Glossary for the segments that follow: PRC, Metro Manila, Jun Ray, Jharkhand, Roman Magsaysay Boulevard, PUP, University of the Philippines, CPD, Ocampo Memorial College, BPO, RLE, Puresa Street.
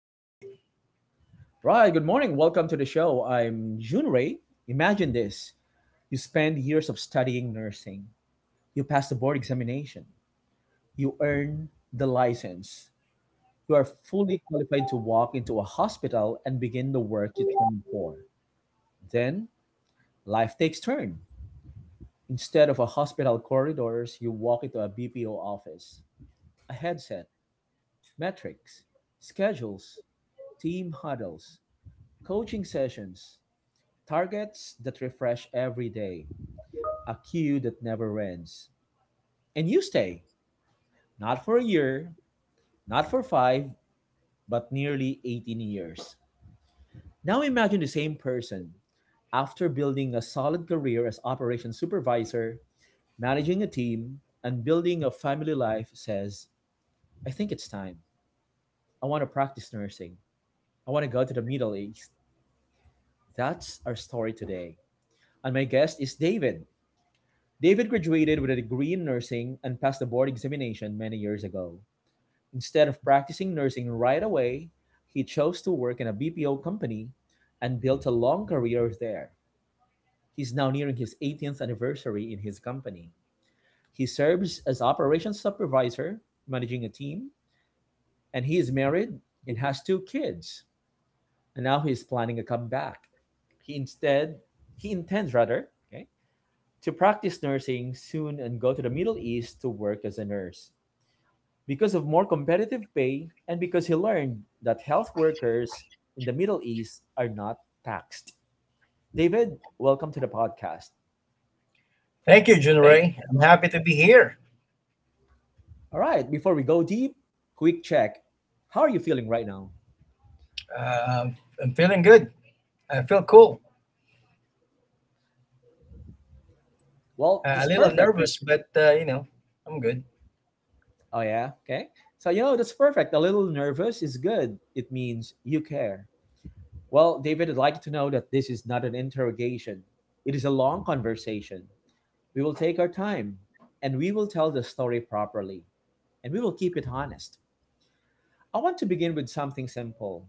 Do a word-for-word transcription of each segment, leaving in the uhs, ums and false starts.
Right. Right, good morning. Welcome to the show. I'm Jun Ray. Imagine this, you spend years of studying nursing, you pass the board examination, you earn the license, you are fully qualified to walk into a hospital and begin the work you trained for. Then life takes turn. Instead of a hospital corridors, you walk into a B P O office, a headset, metrics, schedules, team huddles, coaching sessions, targets that refresh every day, a queue that never ends. And you stay, not for a year, not for five, but nearly eighteen years. Now imagine the same person, after building a solid career as operations supervisor, managing a team, and building a family life, says, I think it's time. I want to practice nursing. I want to go to the Middle East. That's our story today. And my guest is David. David graduated with a degree in nursing and passed the board examination many years ago. Instead of practicing nursing right away, he chose to work in a B P O company and built a long career there. He's now nearing his eighteenth anniversary in his company. He serves as operations supervisor, managing a team, and he is married and has two kids. And now he is planning a comeback. He instead he intends rather, okay, to practice nursing soon and go to the Middle East to work as a nurse, because of more competitive pay and because he learned that health workers in the Middle East are not taxed. David, welcome to the podcast. Thank you, Jun Thank— Ray. I'm happy to be here. all right, before we go deep, quick check. How are you feeling right now? Um, I'm feeling good. I feel cool. Well, Uh, a that's little perfect. nervous, but uh, you know, I'm good. Oh, yeah, okay. So, you know, that's perfect. A little nervous is good, it means you care. Well, David, I'd like you to know that this is not an interrogation, it is a long conversation. We will take our time and we will tell the story properly, and we will keep it honest. I want to begin with something simple.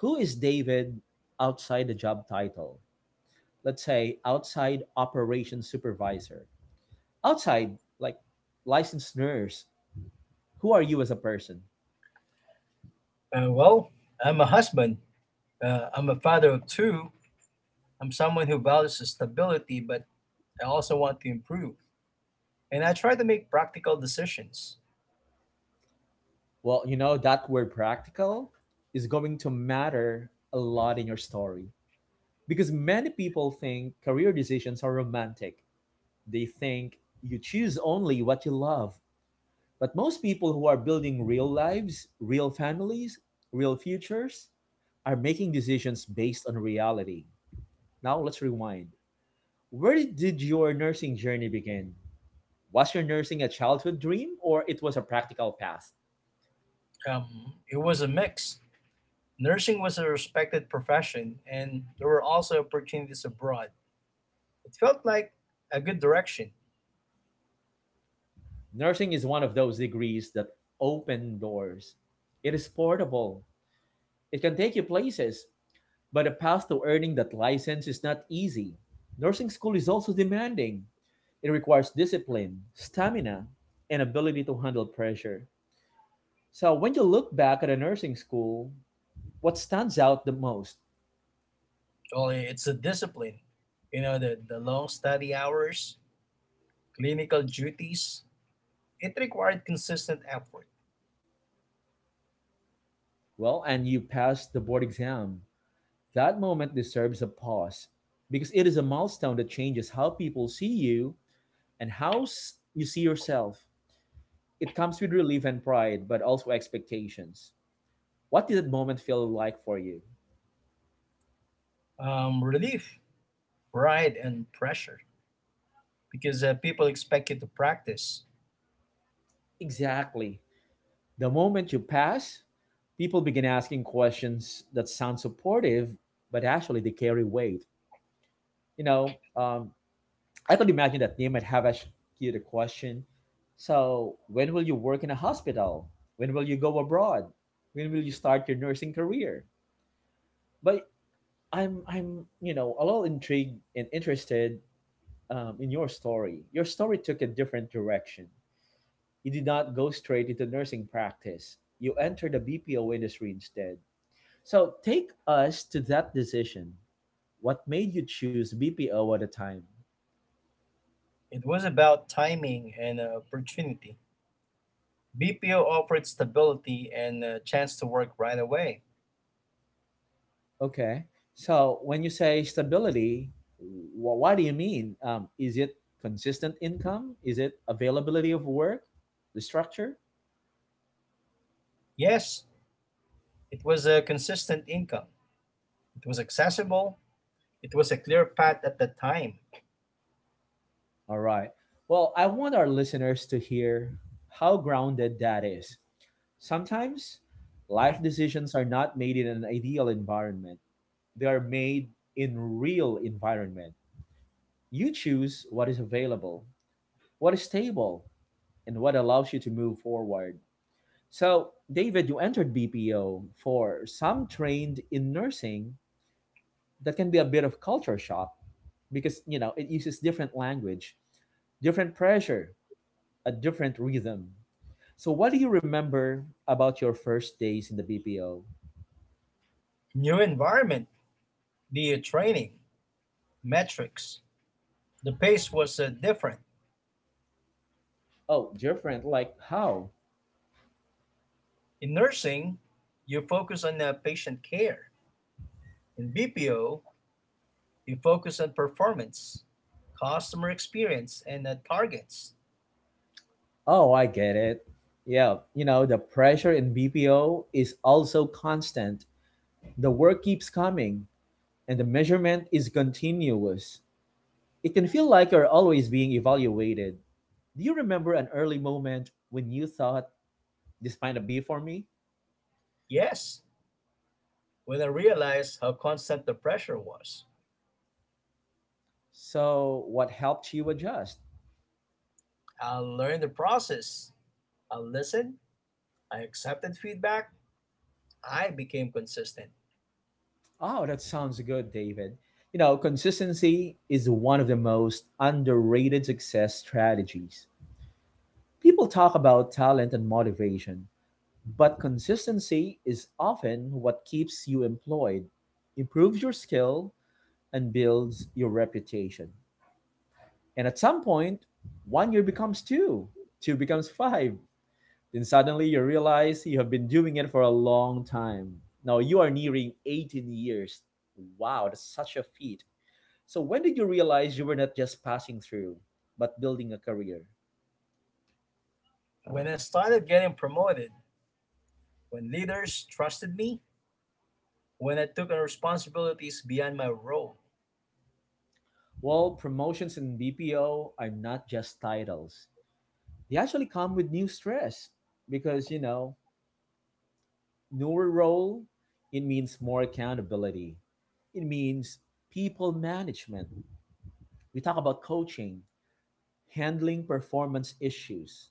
Who is David outside the job title? Let's say outside operations supervisor. Outside, like licensed nurse, who are you as a person? Uh, well, I'm a husband. Uh, I'm a father of two. I'm someone who values stability, but I also want to improve. And I try to make practical decisions. Well, you know, that word practical is going to matter a lot in your story because many people think career decisions are romantic. They think you choose only what you love. But most people who are building real lives, real families, real futures are making decisions based on reality. Now let's rewind. Where did your nursing journey begin? Was your nursing a childhood dream or it was a practical path? Um, it was a mix. Nursing was a respected profession, and there were also opportunities abroad. It felt like a good direction. Nursing is one of those degrees that open doors. It is portable. It can take you places. But the path to earning that license is not easy. Nursing school is also demanding. It requires discipline, stamina, and ability to handle pressure. So when you look back at a nursing school, what stands out the most? Well, it's a discipline. You know, the, the long study hours, clinical duties, it required consistent effort. Well, and you passed the board exam. That moment deserves a pause because it is a milestone that changes how people see you and how s- you see yourself. It comes with relief and pride, but also expectations. What did that moment feel like for you? Um, relief, pride, and pressure because uh, people expect you to practice. Exactly. The moment you pass, people begin asking questions that sound supportive, but actually they carry weight. You know, um, I could imagine that they might have asked you the question, so, when will you work in a hospital? When will you go abroad? When will you start your nursing career? But I'm, I'm, you know, a little intrigued and interested um, in your story. Your story took a different direction. You did not go straight into nursing practice. You entered the B P O industry instead. So take us to that decision. What made you choose B P O at the time? It was about timing and uh, opportunity. B P O offered stability and a chance to work right away. Okay. So when you say stability, wh- what do you mean? Um, is it consistent income? Is it availability of work? The structure? Yes, it was a consistent income. It was accessible. It was a clear path at the time. All right. Well, I want our listeners to hear how grounded that is. Sometimes life decisions are not made in an ideal environment, they are made in real environment. You choose what is available, what is stable, and what allows you to move forward. So, David, you entered B P O for some trained in nursing, that can be a bit of culture shock because, you know, it uses different language, different pressure, a different rhythm. So, what do you remember about your first days in the B P O? New environment, the training, metrics. The pace was uh, different. Oh, different. Like how? In nursing, you focus on uh, patient care. In B P O, you focus on performance, customer experience, and uh, targets. Oh, I get it. Yeah, you know, the pressure in B P O is also constant. The work keeps coming, and the measurement is continuous. It can feel like you're always being evaluated. Do you remember an early moment when you thought, this might not be for me? Yes, when I realized how constant the pressure was, So, what helped you adjust? I learned the process. I listened, I accepted feedback, I became consistent. Oh, that sounds good, David. You know, consistency is one of the most underrated success strategies. People talk about talent and motivation, but consistency is often what keeps you employed, improves your skill, and builds your reputation. And at some point, one year becomes two, two becomes five. Then suddenly you realize you have been doing it for a long time. Now you are nearing eighteen years. Wow, that's such a feat. So, when did you realize you were not just passing through, but building a career? When I started getting promoted, when leaders trusted me, when I took on responsibilities beyond my role, Well, promotions in B P O are not just titles, they actually come with new stress, because, you know, newer role, it means more accountability, it means people management. We talk about coaching, handling performance issues,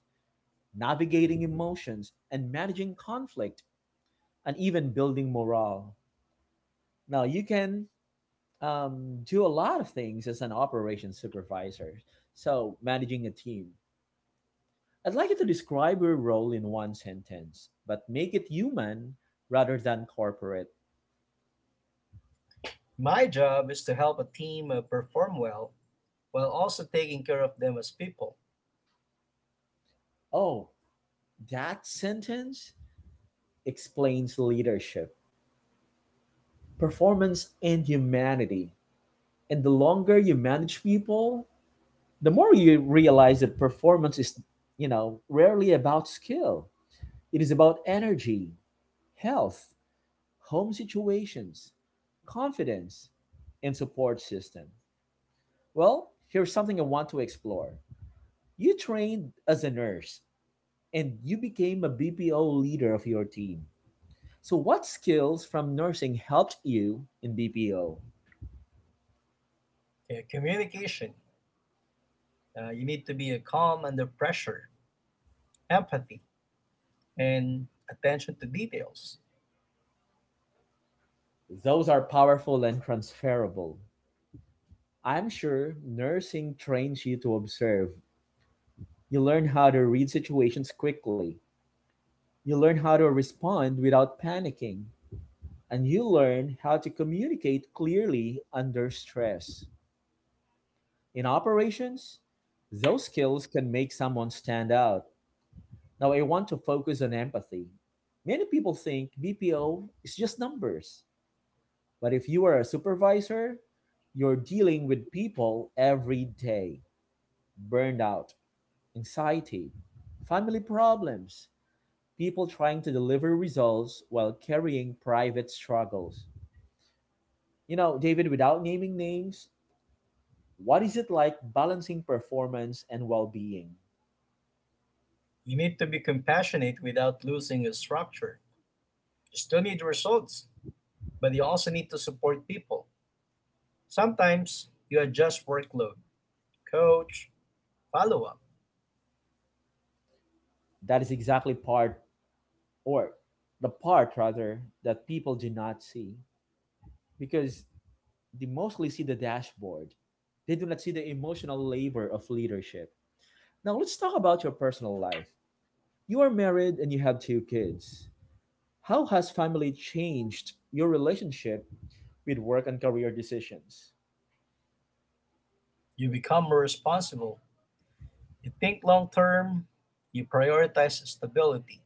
navigating emotions and managing conflict, and even building morale. Now you can, um, do a lot of things as an operations supervisor, so managing a team. I'd like you to describe your role in one sentence, but make it human rather than corporate. my job is to help a team uh, perform well while also taking care of them as people. Oh, that sentence explains leadership, performance, and humanity. And the longer you manage people, the more you realize that performance is, you know, rarely about skill. It is about energy, health, home situations, confidence, and support system. Well, here's something I want to explore. You trained as a nurse and you became a B P O leader of your team. So, what skills from nursing helped you in B P O? Okay, communication. Uh, you need to be uh, calm under pressure, empathy, and attention to details. Those are powerful and transferable. I'm sure nursing trains you to observe. You learn how to read situations quickly. You learn how to respond without panicking. And you learn how to communicate clearly under stress. In operations, those skills can make someone stand out. Now, I want to focus on empathy. Many people think B P O is just numbers, but if you are a supervisor, you're dealing with people every day: burnout, anxiety, family problems, people trying to deliver results while carrying private struggles. You know, David, without naming names, what is it like balancing performance and well being? You need to be compassionate without losing your structure. You still need results, but you also need to support people. Sometimes you adjust workload, coach, follow up. That is exactly part, or the part rather, that people do not see, because they mostly see the dashboard. They do not see the emotional labor of leadership. Now, let's talk about your personal life. You are married and you have two kids. How has family changed your relationship with work and career decisions? You become more responsible. You think long term. You prioritize stability.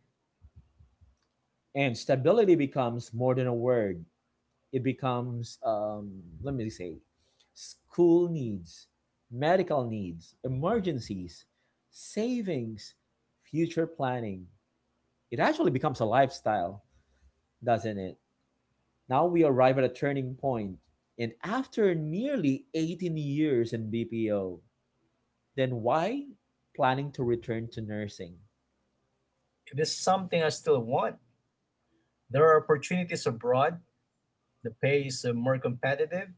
And stability becomes more than a word, it becomes, um, let me say, school needs, medical needs, emergencies, savings, future planning. It actually becomes a lifestyle, doesn't it? Now we arrive at a turning point. And after nearly eighteen years in B P O, then why planning to return to nursing? If this is something I still want, there are opportunities abroad. The pay is uh, more competitive,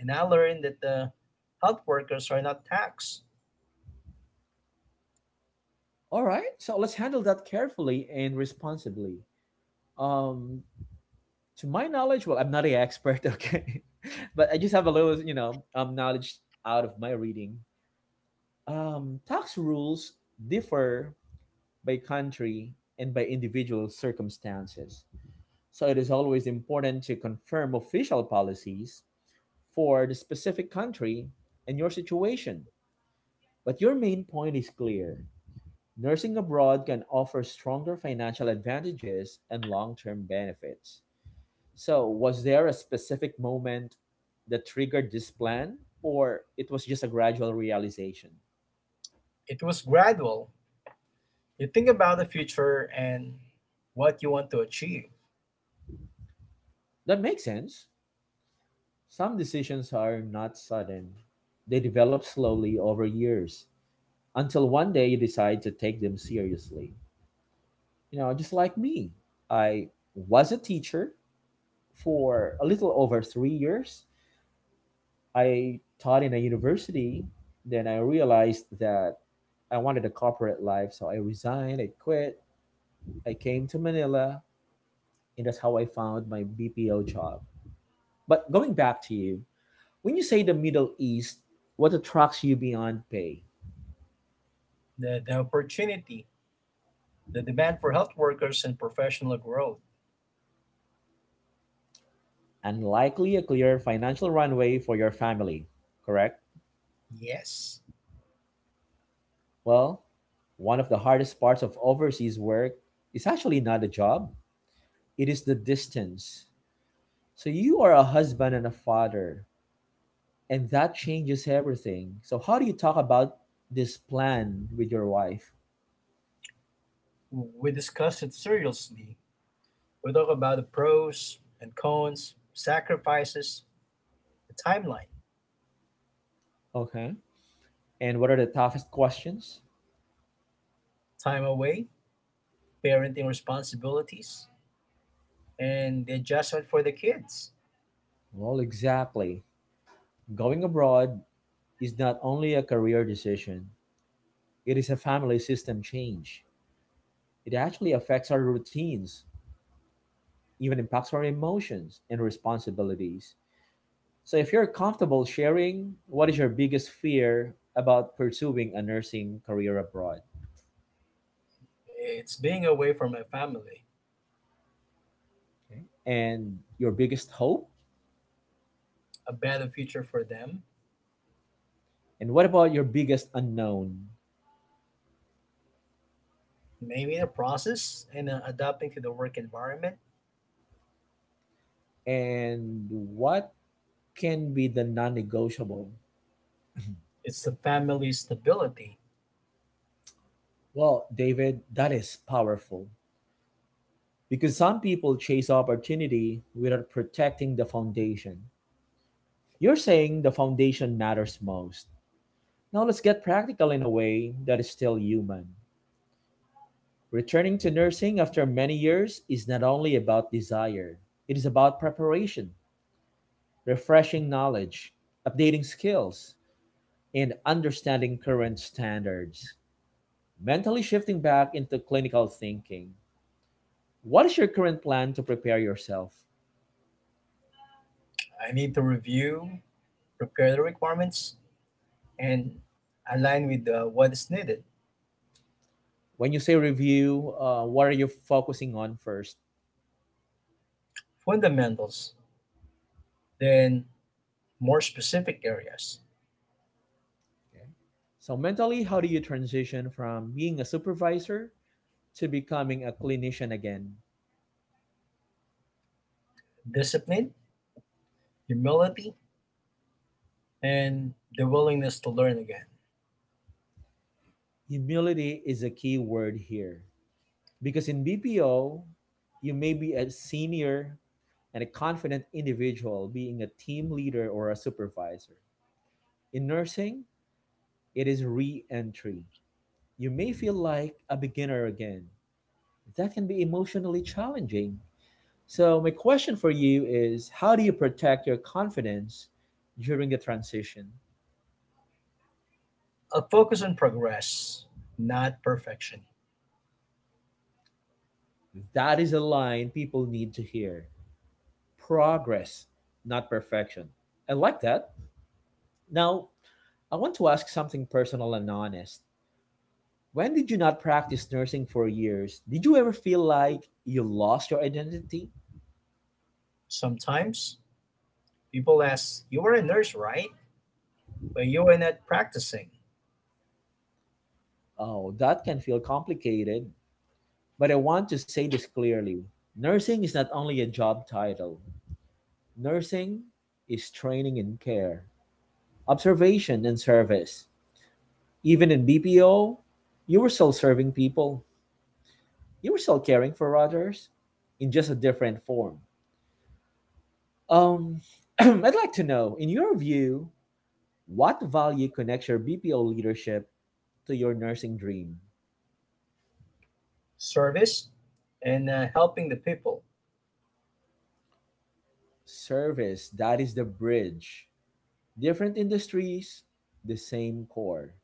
and I learned that the health workers are not taxed. All right, so let's handle that carefully and responsibly. Um, to my knowledge, well, I'm not an expert, okay, but I just have a little, you know, um, knowledge out of my reading. Um, tax rules differ by country and by individual circumstances. So it is always important to confirm official policies for the specific country and your situation. But your main point is clear. Nursing abroad can offer stronger financial advantages and long term benefits. So, was there a specific moment that triggered this plan, or it was just a gradual realization? It was gradual. You think about the future and what you want to achieve, That makes sense. Some decisions are not sudden, they develop slowly over years until one day you decide to take them seriously. You know, just like me. I was a teacher for a little over three years. I taught in a university. Then I realized that I wanted a corporate life, so I resigned, I quit, I came to Manila, and that's how I found my B P O job. But going back to you, when you say the Middle East, what attracts you beyond pay? the, the opportunity, the demand for health workers, and professional growth. And likely a clear financial runway for your family, correct? Yes, Well, one of the hardest parts of overseas work is actually not the job, it is the distance. So you are a husband and a father, and that changes everything. So how do you talk about this plan with your wife? we discuss it seriously. We talk about the pros and cons, sacrifices, the timeline, Okay. And what are the toughest questions? time away, parenting responsibilities, and the adjustment for the kids. Well, exactly. Going abroad is not only a career decision, it is a family system change. It actually affects our routines, even impacts our emotions and responsibilities. So, if you're comfortable sharing, what is your biggest fear about pursuing a nursing career abroad? It's being away from my family, Okay. And your biggest hope? a better future for them, And what about your biggest unknown? maybe the process and uh, adapting to the work environment. And what can be the non negotiable? It's the family stability. Well, David, that is powerful because some people chase opportunity without protecting the foundation. You're saying the foundation matters most. Now, let's get practical in a way that is still human. Returning to nursing after many years is not only about desire, it is about preparation, refreshing knowledge, updating skills, and understanding current standards. Mentally shifting back into clinical thinking. What is your current plan to prepare yourself? I need to review, prepare the requirements, and align with uh, what is needed. When you say review, uh, what are you focusing on first? Fundamentals, then more specific areas. Okay. So, mentally, how do you transition from being a supervisor to becoming a clinician again? Discipline, humility, and the willingness to learn again. Humility is a key word here. Because in B P O, you may be a senior and a confident individual being a team leader or a supervisor. In nursing, it is re entry. You may feel like a beginner again. That can be emotionally challenging. So, my question for you is how do you protect your confidence during the transition? A focus on progress, not perfection. That is a line people need to hear progress, not perfection. I like that. Now, I want to ask something personal and honest. When did you not practice nursing for years? Did you ever feel like you lost your identity? Sometimes people ask, "You are a nurse, right? But you are not practicing." Oh, that can feel complicated. But I want to say this clearly nursing is not only a job title, nursing is training in care, observation, and service. Even in B P O, you were still serving people, you were still caring for others in just a different form. Um, I'd like to know, in your view, what value connects your B P O leadership to your nursing dream? Service and uh, helping the people. Service, that is the bridge. Different industries, the same core.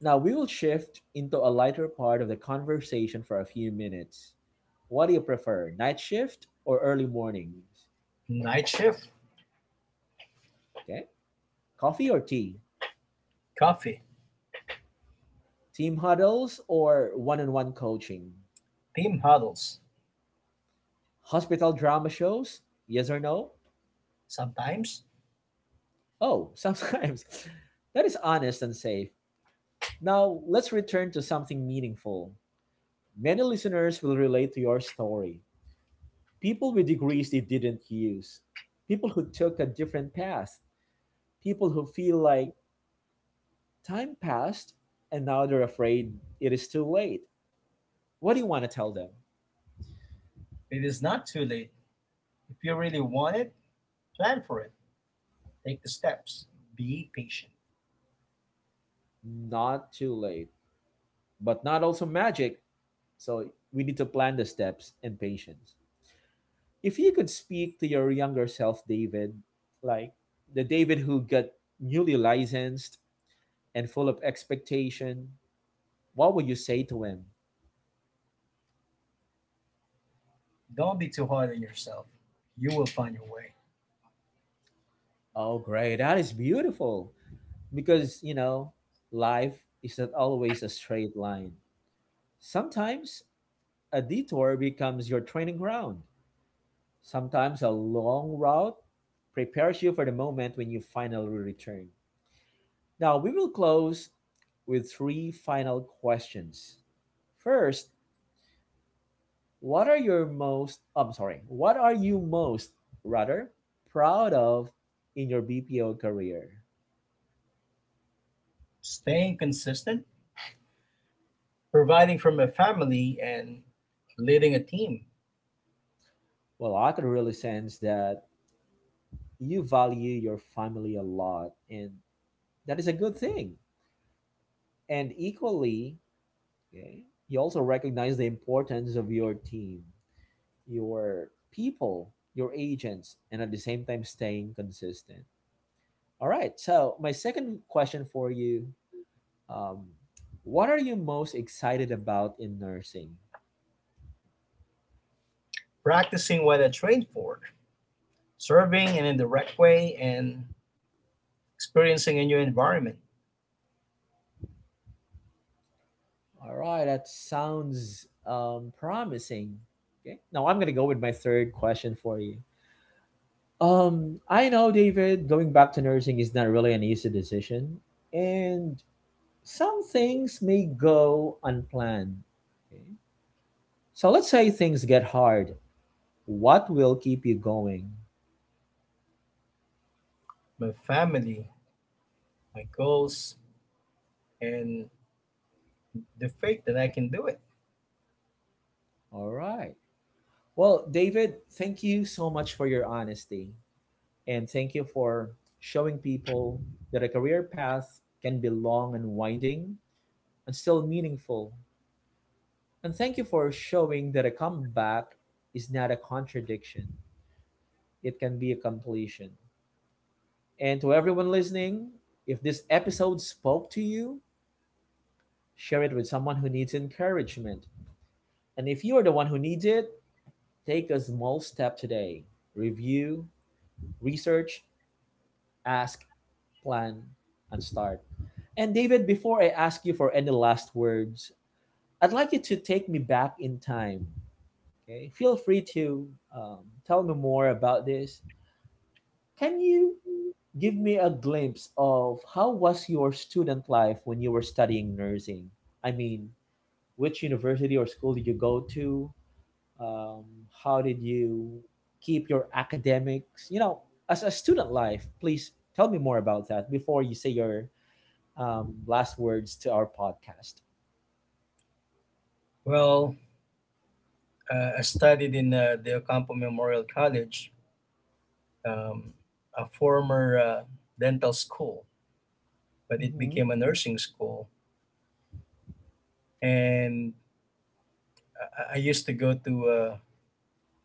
Now we will shift into a lighter part of the conversation for a few minutes. What do you prefer, night shift or early mornings? Night shift. Okay. Coffee or tea? Coffee. Team huddles or one on one coaching? Team huddles. Hospital drama shows? Yes or no? Sometimes. Oh, sometimes. That is honest and safe. Now, let's return to something meaningful. Many listeners will relate to your story. People with degrees they didn't use, people who took a different path, people who feel like time passed and now they're afraid it is too late. What do you want to tell them? It is not too late. If you really want it, plan for it. Take the steps. Be patient. Not too late, but not also magic. So we need to plan the steps and patience. If you could speak to your younger self, David, like the David who got newly licensed and full of expectation, what would you say to him? Don't be too hard on yourself. You will find your way. Oh, great. That is beautiful. Because, you know, life is not always a straight line. Sometimes a detour becomes your training ground. Sometimes a long route prepares you for the moment when you finally return. Now, we will close with three final questions. First, What are your most I'm sorry, what are you most rather proud of in your B P O career? Staying consistent, providing from a family, and leading a team. Well, I could really sense that you value your family a lot and that is a good thing. And equally, okay, you also recognize the importance of your team, your people, your agents, and at the same time staying consistent. All right. So my second question for you, um, what are you most excited about in nursing? Practicing what I trained for, serving and in the right way, and experiencing a new environment. All right, that sounds um, promising. Okay, now I'm gonna go with my third question for you. Um, I know, David, going back to nursing is not really an easy decision, and some things may go unplanned. Okay, so let's say things get hard. What will keep you going? My family, my goals, and the faith that I can do it. All right. Well, David, thank you so much for your honesty, and thank you for showing people that a career path can be long and winding and still meaningful. And thank you for showing that a comeback is not a contradiction, it can be a completion. And to everyone listening, if this episode spoke to you, share it with someone who needs encouragement. And if you are the one who needs it, take a small step today. Review, research, ask, plan, and start. And David, before I ask you for any last words, I'd like you to take me back in time. Okay, feel free to um, tell me more about this. Can you give me a glimpse of how was your student life when you were studying nursing? I mean, which university or school did you go to? Um, how did you keep your academics? You know, as a student life, please tell me more about that before you say your um, last words to our podcast. Well, uh, I studied in uh, the Ocampo Memorial College, um, a former uh, dental school, but it Hmm. became a nursing school. And I, I used to go to uh,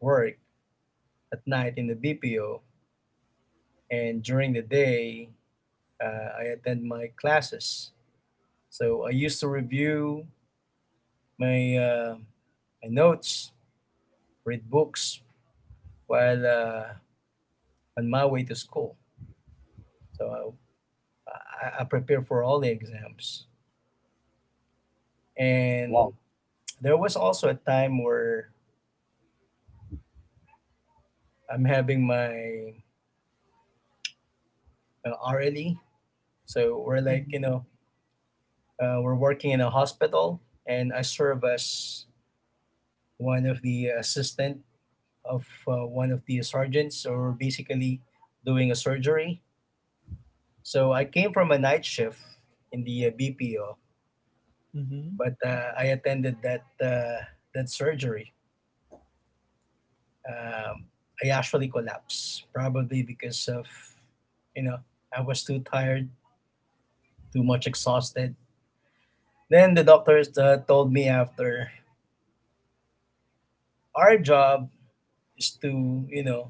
work at night in the B P O, and during the day, uh, I attend my classes. So I used to review my uh, my notes, read books while uh, on my way to school. So I, I prepare for all the exams. And Wow. there was also a time where I'm having my uh, R L E. So we're like, Hmm. you know, uh, we're working in a hospital, and I serve as one of the assistant of uh, one of the sergeants, or basically doing a surgery. So I came from a night shift in the uh, B P O, Hmm. but uh, I attended that uh, that surgery. um, I actually collapsed, probably because of, you know, I was too tired, too much exhausted. Then the doctors uh, told me after our job is to, you know,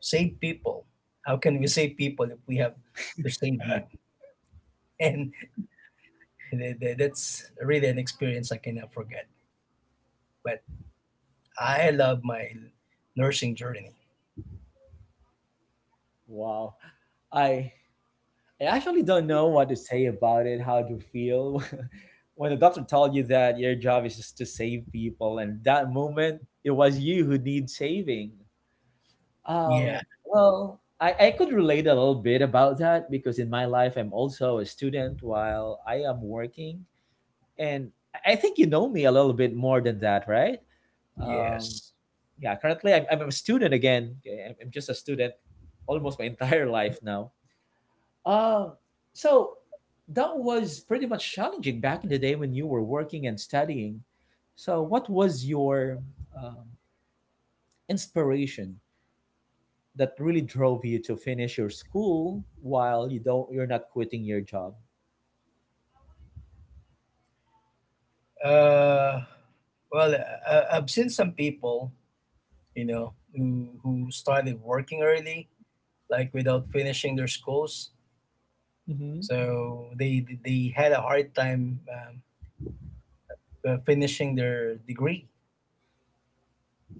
save people. How can we save people if we have to save you? And th- th- that's really an experience I cannot forget. But I love my nursing journey. Wow. I I actually don't know what to say about it, how to feel. When the doctor told you that your job is just to save people, and that moment it was you who need saving. Um, Yeah, well, I, I could relate a little bit about that because in my life I'm also a student while I am working, and I I think you know me a little bit more than that, right? Um, yes. yeah, currently I'm, I'm a student again. Okay, I'm I'm just a student almost my entire life now, um, so that was pretty much challenging back in the day when you were working and studying. So, what was your um, inspiration that really drove you to finish your school while you don't you're not quitting your job? Uh, well, uh, I've seen some people, you know, who, who started working early, like without finishing their schools. Hmm. So they they had a hard time um, uh, finishing their degree.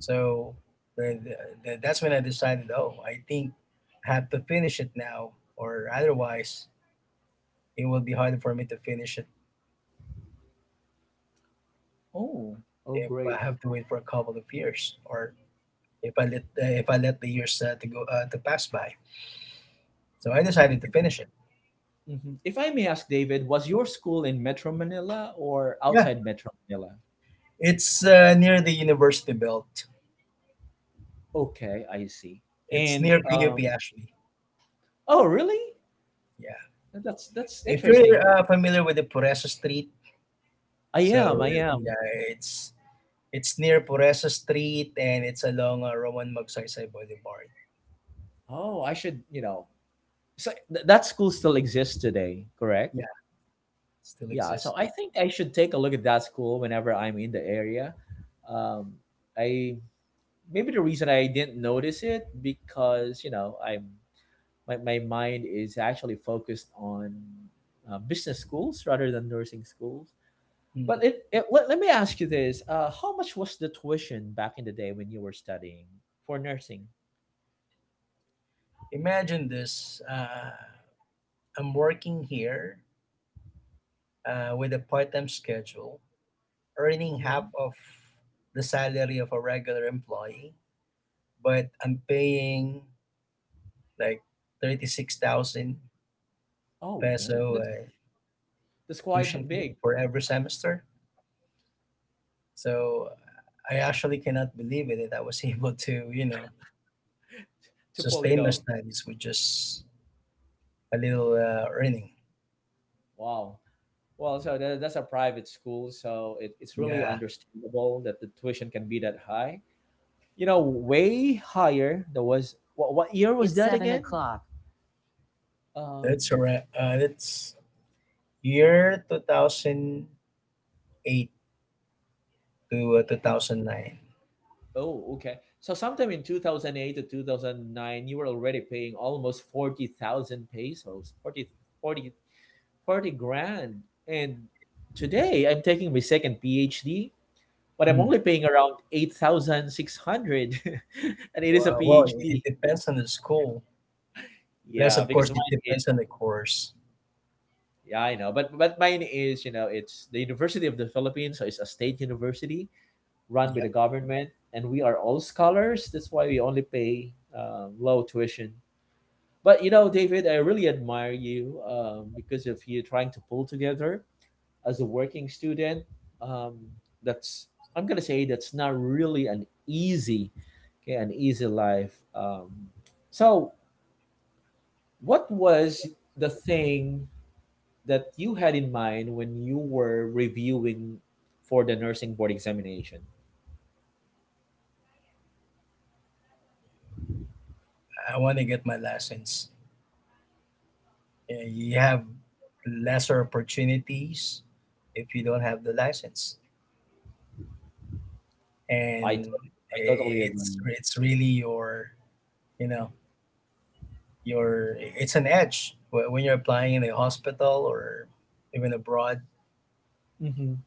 So the, the, the, that's when I decided, oh, I think I have to finish it now, or otherwise it will be harder for me to finish it Oh, oh, if I great. have to wait for a couple of years, or if I let uh, if I let the years uh, to go uh, to pass by. So I decided to finish it. Hmm. If I may ask, David, was your school in Metro Manila or Yeah, outside Metro Manila? it's uh, near the university belt. Okay, I see. It's And near pup um, actually. oh, really? Yeah. That's that's If you're interesting. uh, familiar with the Puresa Street, I am. so I am. yeah, it's it's near Puresa Street and it's along uh, Roman Magsaysay Boulevard. Oh, I should, you know. So th- that school still exists today, correct? Yeah, still Yeah. So exists. I think I should take a look at that school whenever I'm in the area. Um, I maybe the reason I didn't notice it because you know I'm my, my mind is actually focused on uh, business schools rather than nursing schools. Mhm. But it, it let, let me ask you this: uh, how much was the tuition back in the day when you were studying for nursing? Imagine this. Uh, I'm working here uh, with a part-time schedule, earning half Hmm. of the salary of a regular employee, but I'm paying like thirty-six thousand Oh man, peso that's uh, that's tuition quite fee big, for every semester. So I actually cannot believe it that I was able to, you know, to pull it sustain my off. studies with just a little uh, earning. Wow. Well, so that, that's a private school, so it, it's really Yeah, understandable that the tuition can be that high. You know, way higher. There was what, what year was it's that seven again? O'clock. that's Um, alright. Uh, that's year two thousand eight to uh, in, two thousand nine. oh, okay. So sometime in two thousand eight to two thousand nine, you were already paying almost forty thousand pesos, forty forty forty grand. And today I'm taking my second PhD but I'm Hmm. only paying around eight thousand six hundred and it is a Wow, well, it it PhD. depends on the school. Plus, Yeah, of because course, it mine is depends on the course. yeah, I know. But but mine is, you know, it's the University of the Philippines, so it's a state university run by Yeah, the government and we are all scholars. That's why we only pay um, low tuition. But you know, David, I really admire you um, because of you trying to pull together as a working student, um, that's I'm gonna say that's not really an easy, okay, an easy life. Um, so, what was the thing that you had in mind when you were reviewing for the nursing board examination? I want to get my license. Yeah, you have lesser opportunities if you don't have the license. I And to- I i- totally it's agree. it's really your you know your it's an edge wh- when you're applying in a hospital or even abroad. Hmm.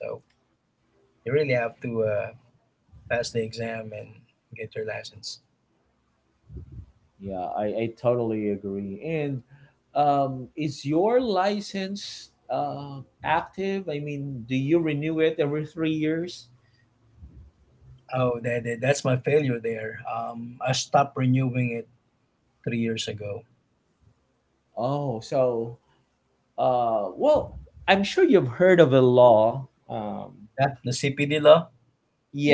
So you really have to uh, pass the exam and get your license. Yeah, I, I totally agree. And um, is your license uh, active? I mean, do you renew it every three years? Oh, that, that- that's my failure there. um, I stopped renewing it three years ago. Oh, so uh, well, I'm sure you've heard of a law. Um, yeah, the C P D law.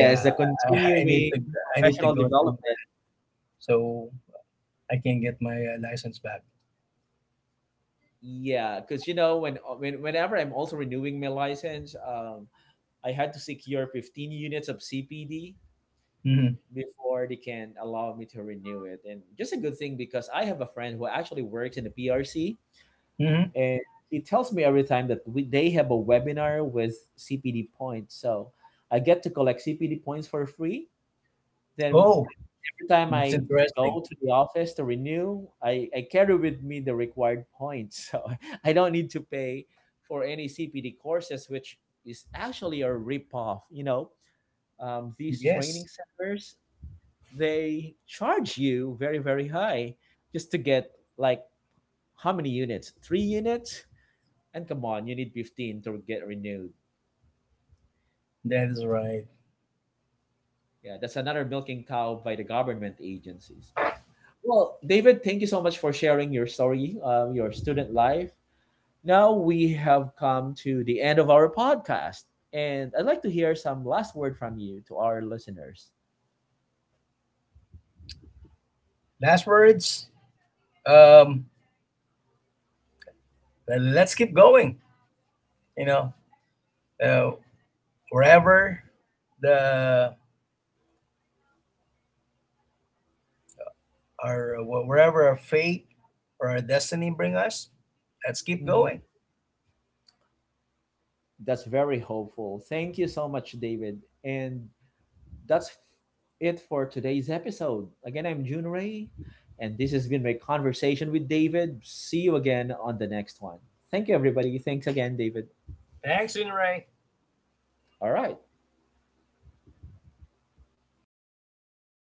Yeah, the i, I need continuing to i need to professional go through development. that so I can get my uh, license back. Yeah, because you know when, uh, when whenever I'm also renewing my license, um, I had to secure fifteen units of C P D Hmm. before they can allow me to renew it, and just a good thing because I have a friend who actually works in the P R C, Hmm. and he tells me every time that we, they have a webinar with C P D points, so I get to collect C P D points for free. Then Oh, every time that's I interesting. go to the office to renew, I, I carry with me the required points. So I don't need to pay for any C P D courses, which is actually a ripoff. You know, um, these Yes. training centers, they charge you very, very high just to get like how many units? Three units? And come on, you need fifteen to get renewed. That is right. Yeah, that's another milking cow by the government agencies. Well, David, thank you so much for sharing your story, um, your student life. Now we have come to the end of our podcast, and I'd like to hear some last word from you to our listeners. Last words. Um, let's keep going. You know, uh, wherever the our wherever our fate or our destiny bring us, let's keep going. Mhm. That's very hopeful. Thank you so much, David. And that's it for today's episode. Again, I'm June Ray, and this has been my conversation with David. See you again on the next one. Thank you, everybody. Thanks again, David. Thanks, Inray. All right.